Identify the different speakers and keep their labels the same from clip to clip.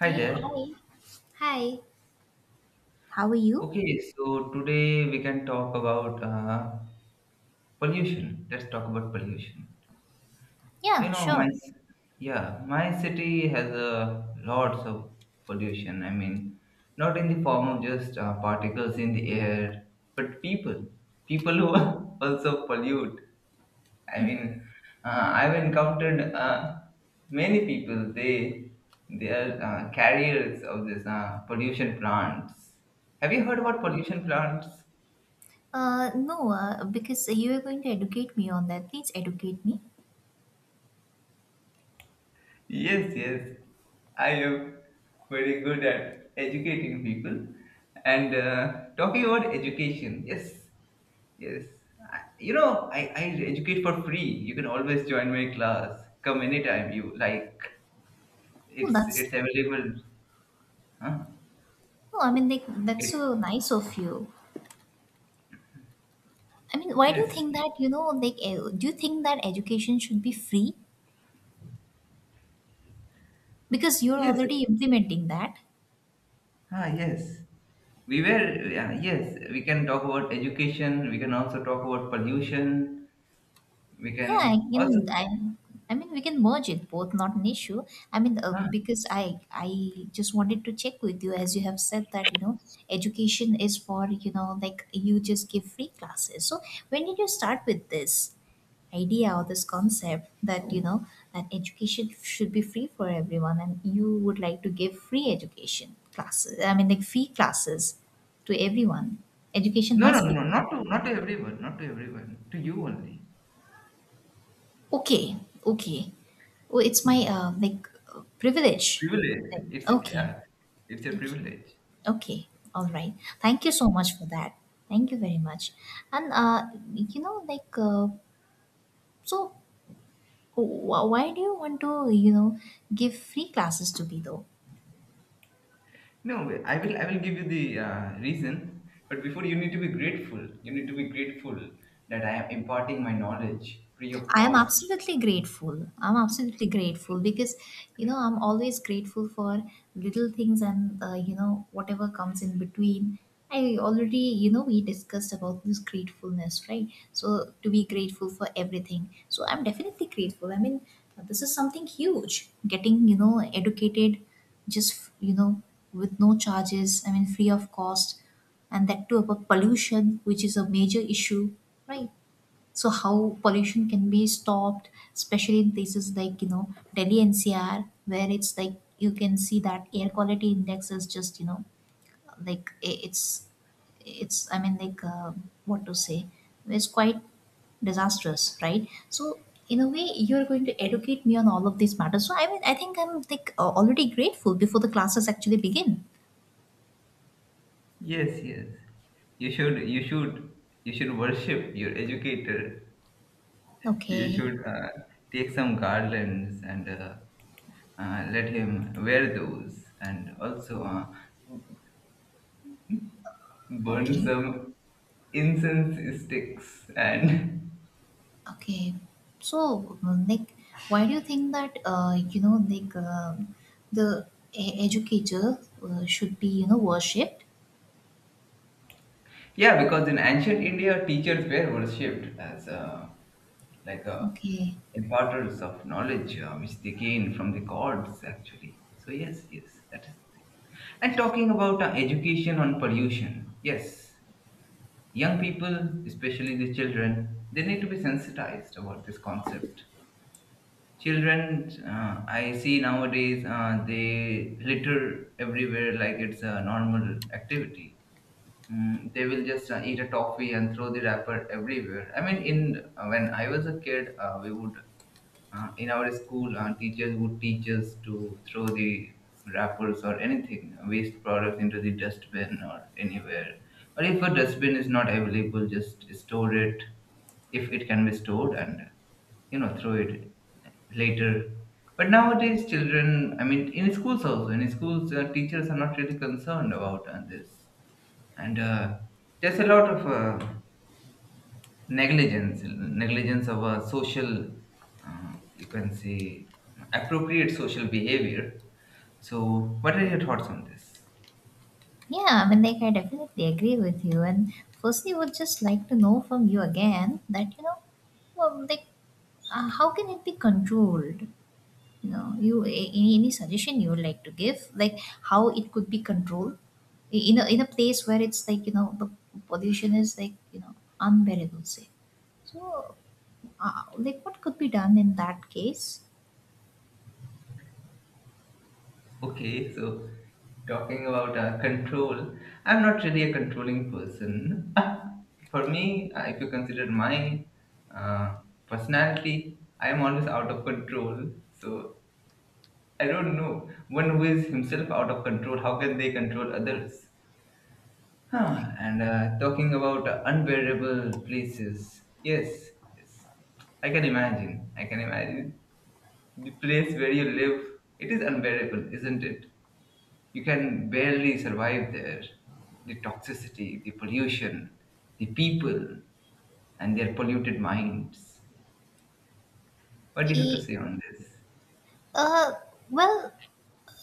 Speaker 1: Hi
Speaker 2: Hey,
Speaker 1: there.
Speaker 2: hi. Hi, how are you?
Speaker 1: Okay, so today we can talk about pollution. Let's talk about pollution. You
Speaker 2: Yeah,
Speaker 1: know, my
Speaker 2: sure.
Speaker 1: c- yeah, my city has a lots of pollution. I mean, not in the form of just particles in the air, but people who also pollute. I mean, I've encountered many people. They their carriers of this pollution plants. Have you heard about pollution plants?
Speaker 2: No, because you are going to educate me on that. Please educate me.
Speaker 1: Yes, yes. I am very good at educating people and talking about education. Yes, yes. I educate for free. You can always join my class. Come anytime you like.
Speaker 2: No,
Speaker 1: It's
Speaker 2: that's
Speaker 1: it's available. Huh?
Speaker 2: no. I mean, like, that's
Speaker 1: It's
Speaker 2: so nice of you. I mean, why do you
Speaker 1: yes.
Speaker 2: think that? Like, do you think that education should be free? Because you're
Speaker 1: Yes.
Speaker 2: already implementing that.
Speaker 1: Ah, yes. Yeah, yes, we can talk about education. We can also talk about pollution. We
Speaker 2: Yeah, I
Speaker 1: can also,
Speaker 2: can. I mean, we can merge it both, not an issue. I mean,
Speaker 1: huh?
Speaker 2: because I just wanted to check with you, as you have said that education is for like, you just give free classes. So when did you start with this idea or this concept that that education should be free for everyone, and you would like to give free education classes? I mean, like, free classes to everyone. Education
Speaker 1: No, no,
Speaker 2: must
Speaker 1: no,
Speaker 2: be.
Speaker 1: no, not to, not to everyone, not to everyone, to you only.
Speaker 2: Okay, okay. Oh, it's my like, privilege.
Speaker 1: Privilege.
Speaker 2: Then.
Speaker 1: It's,
Speaker 2: Okay,
Speaker 1: yeah, it's a
Speaker 2: okay,
Speaker 1: privilege.
Speaker 2: okay. All right. Thank you so much for that. Thank you very much. And like, so, why do you want to give free classes to me though?
Speaker 1: No, I will give you the reason. But before, you need to be grateful. You need to be grateful that I am imparting my knowledge free of
Speaker 2: I am
Speaker 1: cost.
Speaker 2: absolutely grateful. I'm absolutely grateful because, I'm always grateful for little things and, whatever comes in between. I already, we discussed about this gratefulness, right? So to be grateful for everything. So I'm definitely grateful. I mean, this is something huge. Getting, educated just, with no charges, I mean, free of cost, and that too about pollution, which is a major issue, right? So how pollution can be stopped, especially in places like, Delhi NCR, where it's like, you can see that air quality index is just, like, it's I mean, like, what to say, it's quite disastrous, right? So, in a way, you're going to educate me on all of these matters. So I mean, I think I'm like, already grateful before the classes actually begin.
Speaker 1: Yes, yes. You should, you should, you should worship your educator. You
Speaker 2: Okay,
Speaker 1: should take some garlands and let him wear those, and also burn
Speaker 2: okay.
Speaker 1: some incense sticks and
Speaker 2: Okay, so like, why do you think that like, the educator should be worshipped?
Speaker 1: Yeah, because in ancient India, teachers were worshipped as like uh,
Speaker 2: Okay,
Speaker 1: imparters of knowledge, which they gained from the gods, actually. So yes, yes, that is the thing. And talking about education on pollution, yes, young people, especially the children, they need to be sensitized about this concept. Children, I see nowadays, they litter everywhere like it's a normal activity. They will just eat a toffee and throw the wrapper everywhere. I mean, in when I was a kid, we would in our school, teachers would teach us to throw the wrappers or anything waste products into the dustbin or anywhere. Or if a dustbin is not available, just store it if it can be stored and you know throw it later. But nowadays, children, I mean, in schools also, in schools, teachers are not really concerned about this and there's a lot of negligence of social you can say appropriate social behavior. So what are your thoughts on this?
Speaker 2: yeah, I mean, like, I definitely agree with you. And firstly, would just like to know from you again that well, like, how can it be controlled? You know, you any suggestion you would like to give, like, how it could be controlled in a place where it's like, the pollution is like, unbearable, say. So, like, what could be done in that case?
Speaker 1: Okay, so talking about control, I'm not really a controlling person. For me, if you consider my uh, personality, I am always out of control. So I don't know, one who is himself out of control, how can they control others? Huh. And talking about unbearable places, yes, yes, I can imagine. I can imagine the place where you live. It is unbearable, isn't it? You can barely survive there. The toxicity, the pollution, the people, and their polluted minds. What do you have to
Speaker 2: E-
Speaker 1: say on this?
Speaker 2: uh, well,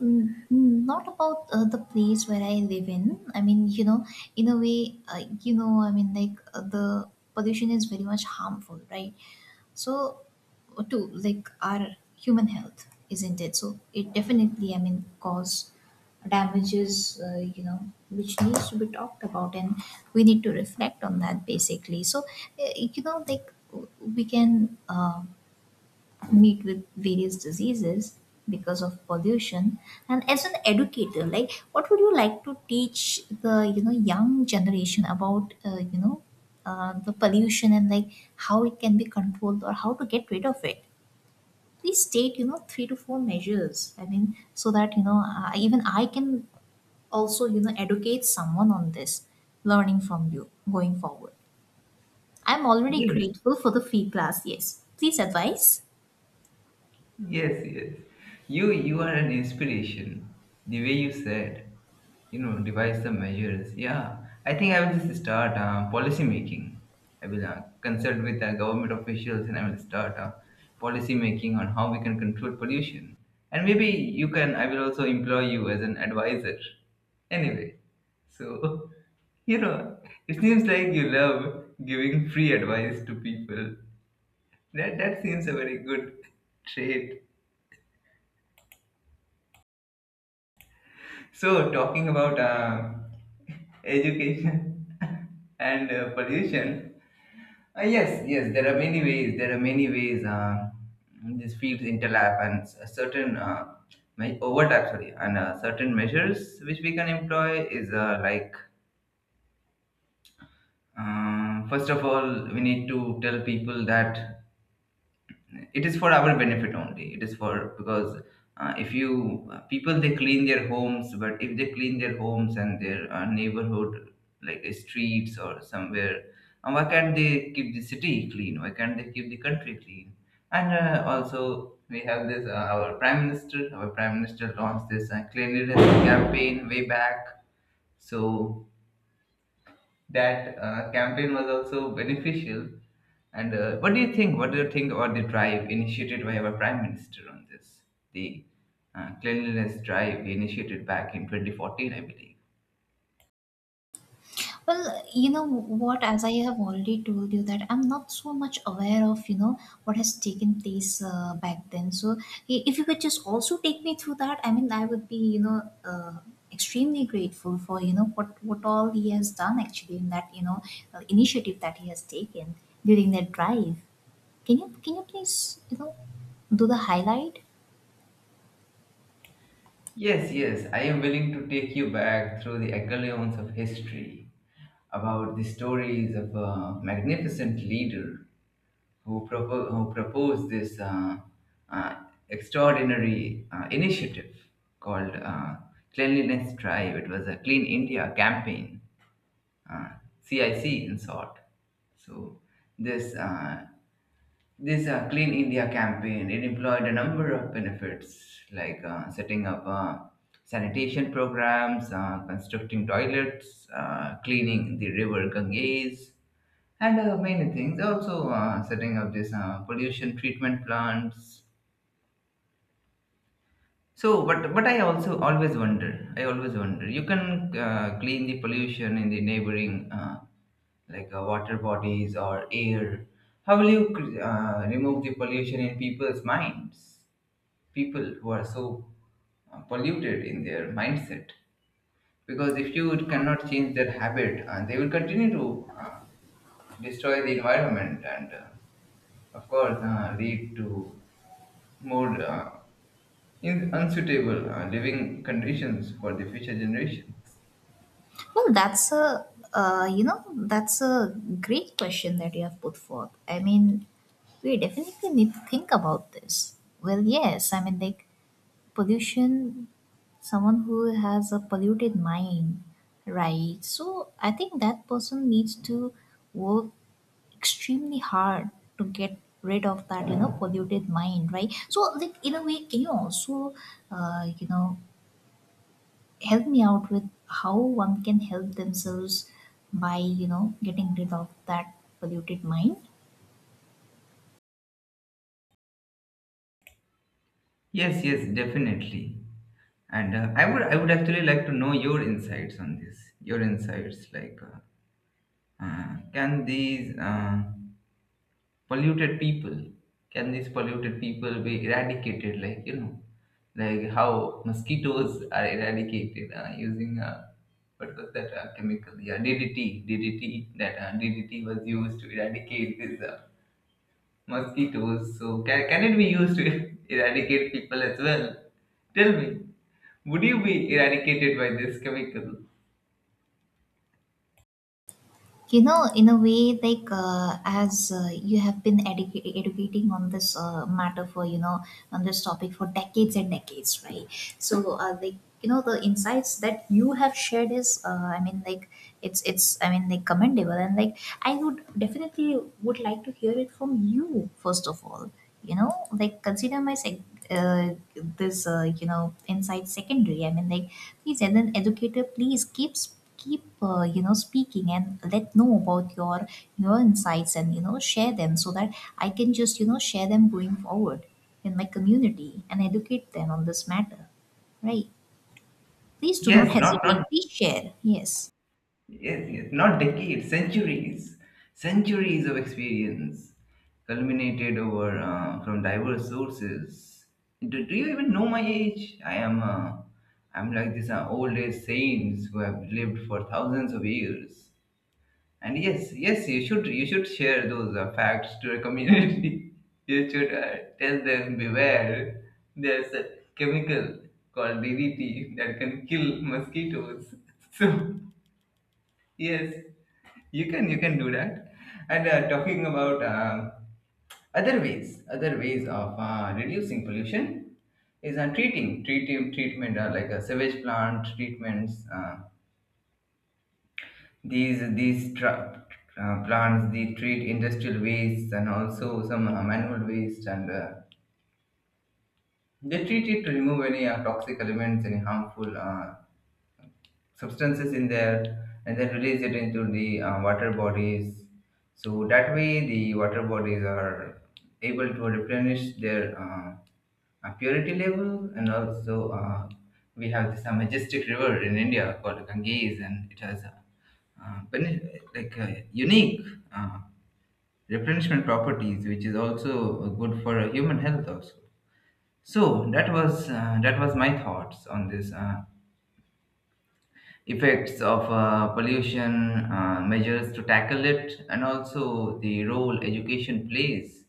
Speaker 2: not about the place where I live in. I mean, in a way, I mean, like, the pollution is very much harmful, right? So, to like our human health, isn't it? So it definitely, I mean, cause damages, which needs to be talked about, and we need to reflect on that, basically. So, like, we can meet with various diseases because of pollution. And as an educator, like, what would you like to teach the, young generation about the pollution, and like, how it can be controlled or how to get rid of it? Please state, three to four measures, I mean, so that even I can also educate someone on this, learning from you going forward. I'm already
Speaker 1: Yes,
Speaker 2: grateful for the free class. Yes, please advise.
Speaker 1: yes, yes. You are an inspiration. The way you said, you know, devise the measures. Yeah, I think I will just start policy making. I will consult with government officials and I will start policy making on how we can control pollution. And maybe you can. I will also employ you as an advisor. Anyway, so you know, it seems like you love giving free advice to people. That seems a very good trait. So, talking about education and pollution, yes, yes, there are many ways. There are many ways these fields interlap and overlap, sorry, and certain measures which we can employ is first of all, we need to tell people that it is for our benefit only. It is for because if you people, they clean their homes, but if they clean their homes and their neighborhood like streets or somewhere, and why can't they keep the city clean? Why can't they keep the country clean? And also we have this our prime minister launched this cleanliness campaign way back. So that campaign was also beneficial. And what do you think? What do you think about the drive initiated by our prime minister on this? The cleanliness drive he initiated back in 2014, I believe.
Speaker 2: Well, you know what, as I have already told you that I'm not so much aware of, what has taken place back then. So if you could just also take me through that, I mean, I would be, uh, extremely grateful for, what all he has done actually in that, initiative that he has taken during that drive. Can you please, do the highlight?
Speaker 1: Yes, yes, I am willing to take you back through the echelons of history about the stories of a magnificent leader who, who proposed this uh, extraordinary initiative called Cleanliness Drive. It was a Clean India campaign, uh, CIC in short. So, this uh, this Clean India campaign, it employed a number of benefits, like setting up sanitation programs, constructing toilets, cleaning the river Ganges, and many things, also setting up these pollution treatment plants. So, but I also always wonder. I always wonder. You can clean the pollution in the neighboring, water bodies or air. How will you remove the pollution in people's minds? People who are so polluted in their mindset. Because if you cannot change their habit, they will continue to destroy the environment and, of course, lead to more. In unsuitable living conditions for the future generations.
Speaker 2: Well, that's a great question that you have put forth. I mean, we definitely need to think about this. Well, yes, I mean, like, pollution. Someone who has a polluted mind, right? So I think that person needs to work extremely hard to get rid of that polluted mind, right? So like, in a way, can you also uh, you know help me out with how one can help themselves by getting rid of that polluted mind?
Speaker 1: Yes, yes, definitely. And I would actually like to know your insights on this. Your insights, like, can these polluted people, can these polluted people be eradicated? Like, you know, like how mosquitoes are eradicated using what was that chemical? Yeah, DDT. DDT. That DDT was used to eradicate this. Mosquitoes. So, can it be used to eradicate people as well? Tell me, would you be eradicated by this chemical?
Speaker 2: You know, in a way, like, as you have been educating on this matter for, on this topic for decades and decades, right? So like, the insights that you have shared is I mean, like, it's I mean, like, commendable. And like, I would definitely would like to hear it from you first of all. Like, consider my uh, this insight secondary, I mean, like. Please, as an educator, please keep speaking, and let know about your insights, and share them so that I can just share them going forward in my community and educate them on this matter, right? Please do not
Speaker 1: Yes, not
Speaker 2: hesitate,
Speaker 1: not
Speaker 2: please share. Yes.
Speaker 1: yes, yes, not decades, centuries, centuries of experience culminated over from diverse sources. Do you even know my age? I'm like this old age saints who have lived for thousands of years. And yes, yes, you should share those facts to the community. You should tell them beware. There's a chemical called DDT that can kill mosquitoes. So yes, you can do that. And talking about other ways of reducing pollution is treating treating treatment, like a sewage plant treatments. These plants, they treat industrial waste and also some manual waste, and they treat it to remove any toxic elements, any harmful substances in there, and then release it into the water bodies. So that way, the water bodies are able to replenish their purity level, and also we have this majestic river in India called Ganges, and it has uh, bene- unique uh, replenishment properties, which is also good for human health also. So that was my thoughts on this. Effects of pollution, measures to tackle it, and also the role education plays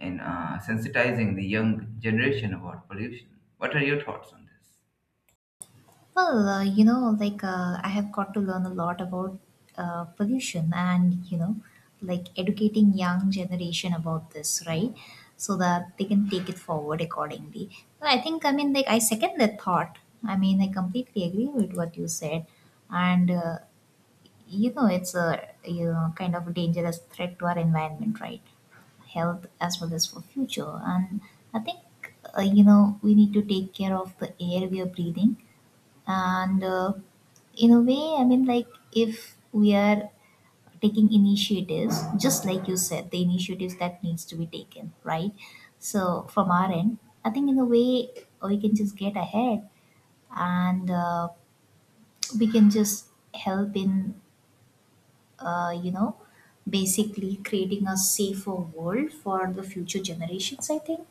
Speaker 1: in sensitizing the young generation about pollution. What are your thoughts on this?
Speaker 2: Well, like, I have got to learn a lot about pollution, and, like, educating young generation about this, right? So that they can take it forward accordingly. But I think, I mean, like, I second that thought. I mean, I completely agree with what you said. And, it's kind of a dangerous threat to our environment, right? Health, as well as for future. And I think we need to take care of the air we are breathing. And in a way, I mean, like, if we are taking initiatives just like you said, the initiatives that needs to be taken, right? So from our end, I think in a way we can just get ahead. And we can just help in, uh, you know basically creating a safer world for the future generations, I think,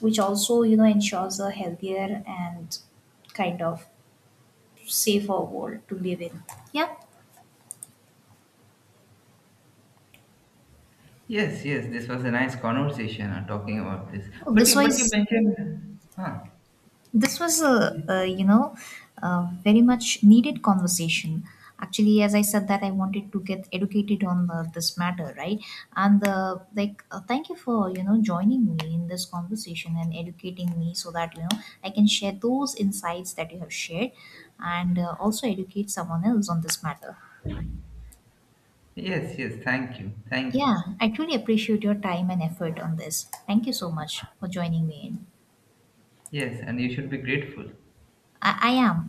Speaker 2: which also ensures a healthier and kind of safer world to live in. Yeah.
Speaker 1: Yes, yes, this was a nice conversation talking about this.
Speaker 2: Oh, this
Speaker 1: But you
Speaker 2: was
Speaker 1: mentioned, huh?
Speaker 2: this was a you know a very much needed conversation. Actually, as I said, that I wanted to get educated on this matter, right? And like, thank you for joining me in this conversation and educating me so that I can share those insights that you have shared, and also educate someone else on this matter.
Speaker 1: Yes, yes. Thank you, thank
Speaker 2: Yeah,
Speaker 1: you.
Speaker 2: I truly appreciate your time and effort on this. Thank you so much for joining me in.
Speaker 1: Yes, and you should be grateful.
Speaker 2: I am.